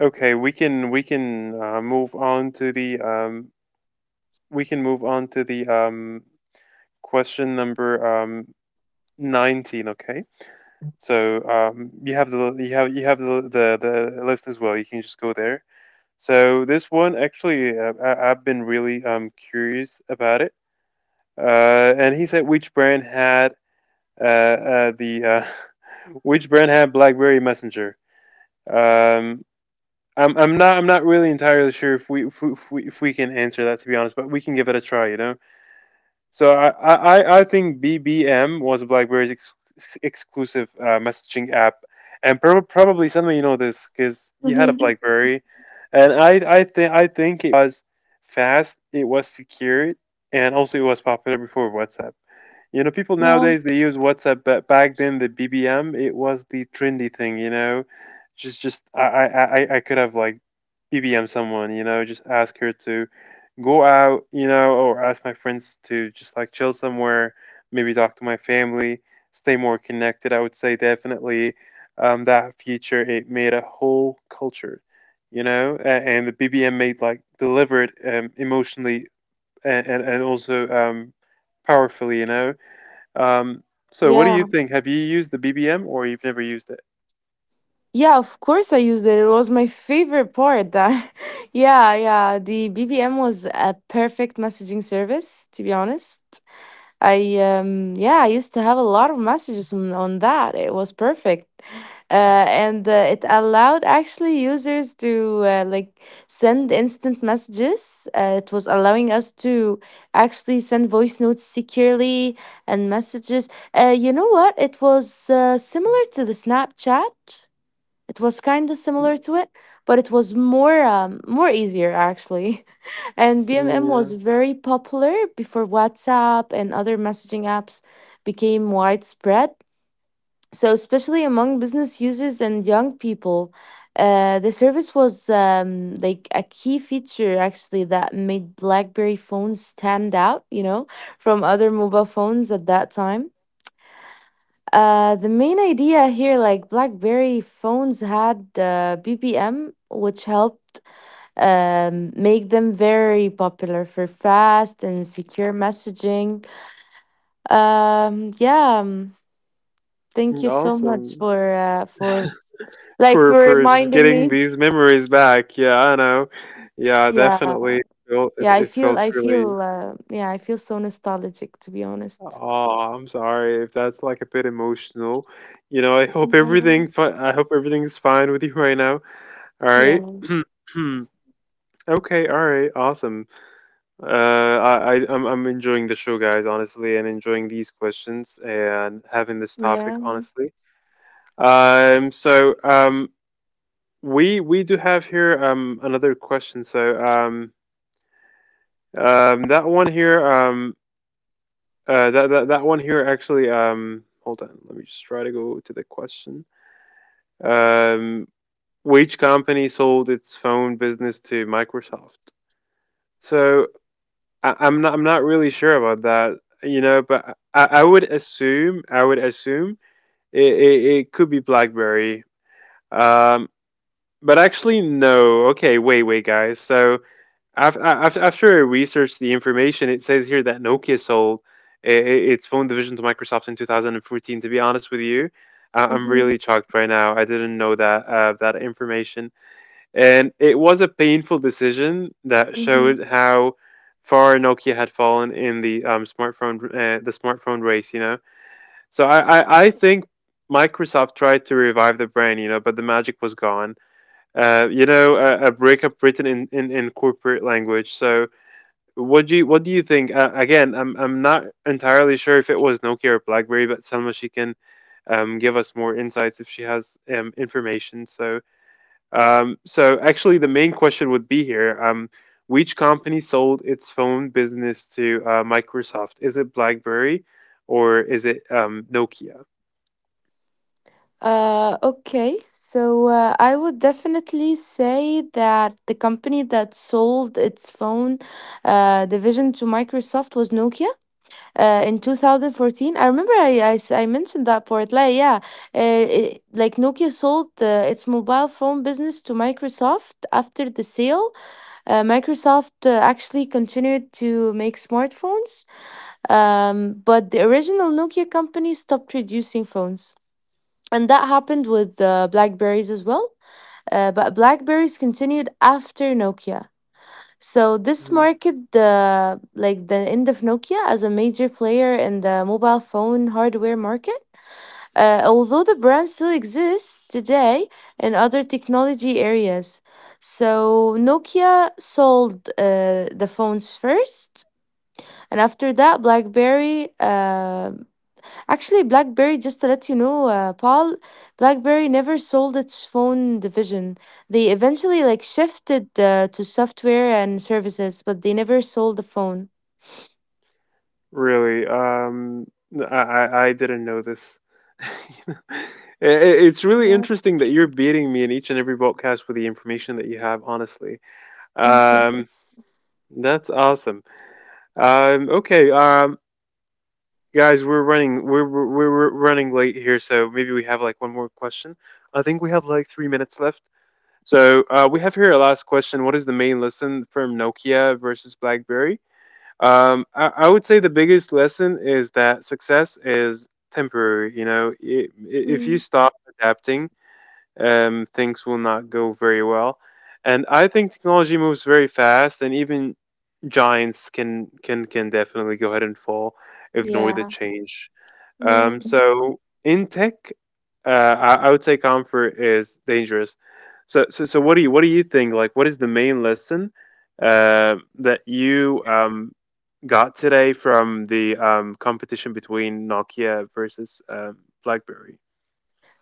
okay, we can we can uh, move on to the um we can move on to the um question number um nineteen. Okay. So um, you have the you have you have the, the the list as well. You can just go there. So this one actually, uh, I, I've been really um, curious about it. Uh, and he said which brand had uh, uh, the uh, which brand had BlackBerry Messenger. Um, I'm I'm not I'm not really entirely sure if we if we, if we if we can answer that, to be honest, but we can give it a try. You know. So I, I, I think B B M was BlackBerry's ex- ex- exclusive uh, messaging app, and prob probably some of you know this because you had a
Hmm.
BlackBerry. And I I think I think it was fast, it was secure, and also it was popular before WhatsApp. You know, people
Yeah.
nowadays they use WhatsApp, but back then the B B M, it was the trendy thing. You know, just just I I I I could have like B B M someone. You know, just ask her to go out, you know, or ask my friends to just like chill somewhere, maybe talk to my family, stay more connected. I would say definitely um, that feature, it made a whole culture, you know, a- and the B B M made, like, delivered um, emotionally and and, and also um, powerfully, you know. Um, so what do you
Yeah.
think? Have you used the B B M or you've never used it?
Yeah, of course I used it. It was my favorite part that yeah, yeah. The B B M was a perfect messaging service, to be honest. I um Yeah, I used to have a lot of messages on, on that. It was perfect. Uh, and uh, It allowed actually users to uh, like send instant messages. Uh, it was allowing us to actually send voice notes securely and messages. Uh, you know what? It was uh, similar to the Snapchat, it was kind of similar to it, but it was more um, more easier actually. And B M M
Mm,
was
yeah.
very popular before WhatsApp and other messaging apps became widespread. So, especially among business users and young people, uh, the service was um, like a key feature actually that made BlackBerry phones stand out, you know, from other mobile phones at that time. Uh, the main idea here, like BlackBerry phones had uh, B B M, which helped um, make them very popular for fast and secure messaging. Um, yeah, um, thank
Mm,
you so much
awesome.
for uh, for like
for
for
for just
reminding
getting
me.
these memories back. Yeah, I know. Yeah,
Yeah,
definitely. felt- It,
yeah, I
it
feel,
felt
I
really.
feel, uh, yeah, I feel so nostalgic to be honest.
Oh, I'm sorry if that's like a bit emotional. You know, I hope
Yeah,
everything. Fi- I hope everything's fine with you right now. All right.
yeah,
Okay. All right. Awesome. Uh, I, I I'm I'm enjoying the show, guys, honestly, and enjoying these questions and having this topic.
yeah.
Honestly. Um. So um. We we do have here um another question. So um Um, that one here, um, uh, that, that that one here, actually. Um, hold on, let me just try to go to the question. Um, which company sold its phone business to Microsoft? So I, I'm not I'm not really sure about that, you know. But I, I would assume I would assume it, it, it could be BlackBerry. Um, but actually no. Okay, wait, wait, guys. So After, after I researched the information, it says here that Nokia sold i- i- its phone division to Microsoft in two thousand fourteen. To be honest with you, I- I'm
Mm-hmm.
really shocked right now. I didn't know that uh, that information, and it was a painful decision that showed
Mm-hmm.
how far Nokia had fallen in the um, smartphone uh, the smartphone race. You know, so I, I I think Microsoft tried to revive the brand, you know, but the magic was gone. Uh, you know, a, a breakup written in, in, in corporate language. So what do you What do you think? Uh, again, I'm I'm not entirely sure if it was Nokia or BlackBerry, but Selma, she can um, give us more insights if she has um, information. So um, so actually, the main question would be here: um, Which company sold its phone business to uh, Microsoft? Is it BlackBerry or is it um, Nokia?
Uh, okay, so uh, I would definitely say that the company that sold its phone uh, division to Microsoft was Nokia uh, in twenty fourteen. I remember I, I, s- I mentioned that part. Like, yeah, uh, it, like Nokia sold uh, its mobile phone business to Microsoft. After the sale, uh, Microsoft uh, actually continued to make smartphones, um, but the original Nokia company stopped producing phones, and that happened with uh, BlackBerries as well, uh, but BlackBerries continued after Nokia. So this marked the like the end of Nokia as a major player in the mobile phone hardware market, uh, although the brand still exists today in other technology areas. So Nokia sold uh, the phones first, and after that BlackBerry, uh, actually BlackBerry, just to let you know, uh, Paul, BlackBerry never sold its phone division. They eventually like shifted uh, to software and services, but they never sold the phone.
Really, um, I I I didn't know this. You know, i- i- it's really
Yeah.
interesting that you're beating me in each and every broadcast with the information that you have, honestly. Um, that's awesome. Um, okay, um, guys, we're running we're, we're we're we're running late here, so maybe we have like one more question. I think we have like three minutes left. So uh, we have here a last question. What is the main lesson from Nokia versus BlackBerry? Um, I, I would say the biggest lesson is that success is temporary. You know, I- i- if you
Mm.
stop adapting, um, things will not go very well. And I think technology moves very fast, and even giants can can can definitely go ahead and fall if they ignore the
Yeah.
change.
Yeah.
Um, so in tech, uh, I, I would say comfort is dangerous. So, so, so what do you what do you think? Like, what is the main lesson uh, that you um, got today from the um, competition between Nokia versus um, BlackBerry?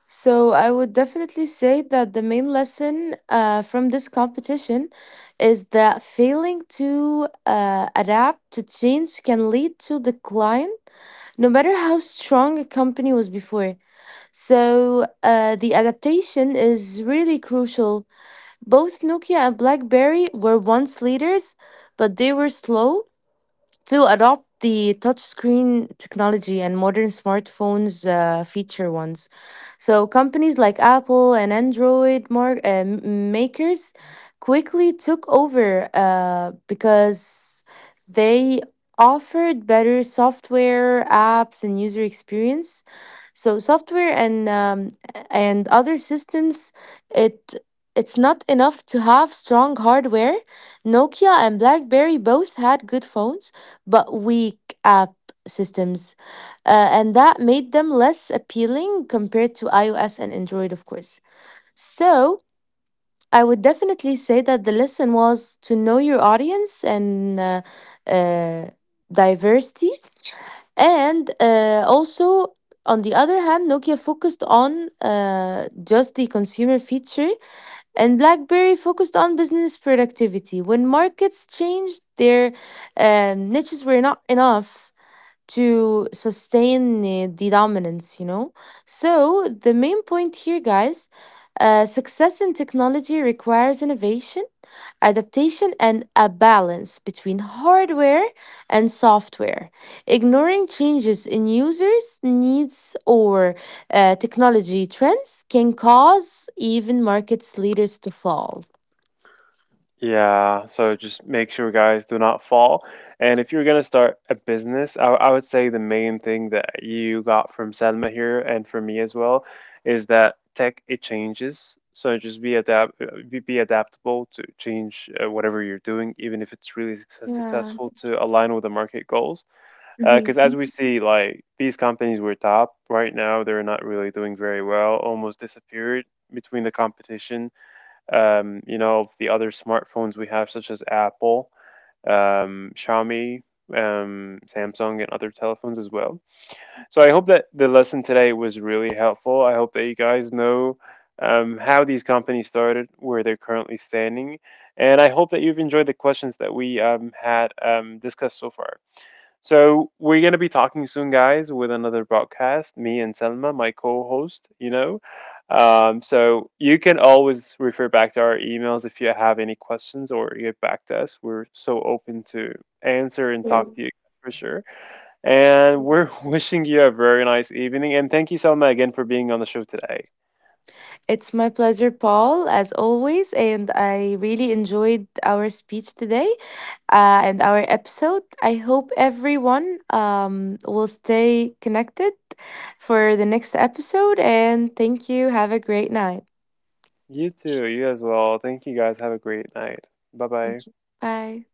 So I would definitely say that the main lesson uh, from this competition is that failing to uh, adapt to change can lead to decline, no matter how strong a company was before. So uh, the adaptation is really crucial. Both Nokia and BlackBerry were once leaders, but they were slow to adopt the touchscreen technology and modern smartphones uh, feature ones. So companies like Apple and Android mar- uh, m- makers quickly took over uh, because they offered better software, apps, and user experience. So software and um, and other systems, it it's not enough to have strong hardware. Nokia and BlackBerry both had good phones but weak app systems, uh, and that made them less appealing compared to iOS and Android, of course. So I would definitely say that the lesson was to know your audience and uh, uh, diversity, and uh, also. On the other hand, Nokia focused on uh, just the consumer feature, and BlackBerry focused on business productivity. When markets changed, their um, niches were not enough to sustain uh, the dominance, you know? So, the main point here, guys, uh, success in technology requires innovation, adaptation, and a balance between hardware and software. Ignoring changes in users' needs or uh, technology trends can cause even markets leaders to fall.
Yeah, so just make sure, guys, do not fall. And if you're gonna start a business, I, I would say the main thing that you got from Selma here and from me as well is that tech, it changes. So just be adapt be be adaptable to change, uh, whatever you're doing, even if it's really success-
Yeah.
successful, to align with the market goals. Because as we see, like these companies were top, right now they're not really doing very well, almost disappeared between the competition. Um, you know, the other smartphones we have, such as Apple, um, Xiaomi, um, Samsung, and other telephones as well. So I hope that the lesson today was really helpful. I hope that you guys know um, how these companies started, where they're currently standing, and I hope that you've enjoyed the questions that we um, had um, discussed so far. So we're gonna be talking soon, guys, with another broadcast. Me and Selma, my co-host, you know. Um, so you can always refer back to our emails if you have any questions or get back to us. We're so open to answer and talk
Mhm.
to you for sure. And we're wishing you a very nice evening. And thank you, Selma, again for being on the show today.
It's my pleasure, Paul, as always. And I really enjoyed our speech today uh, and our episode. I hope everyone um, will stay connected for the next episode. And thank you. Have a great night.
You too. You as well. Thank you, guys. Have a great night. Bye bye.
Thank you. Bye.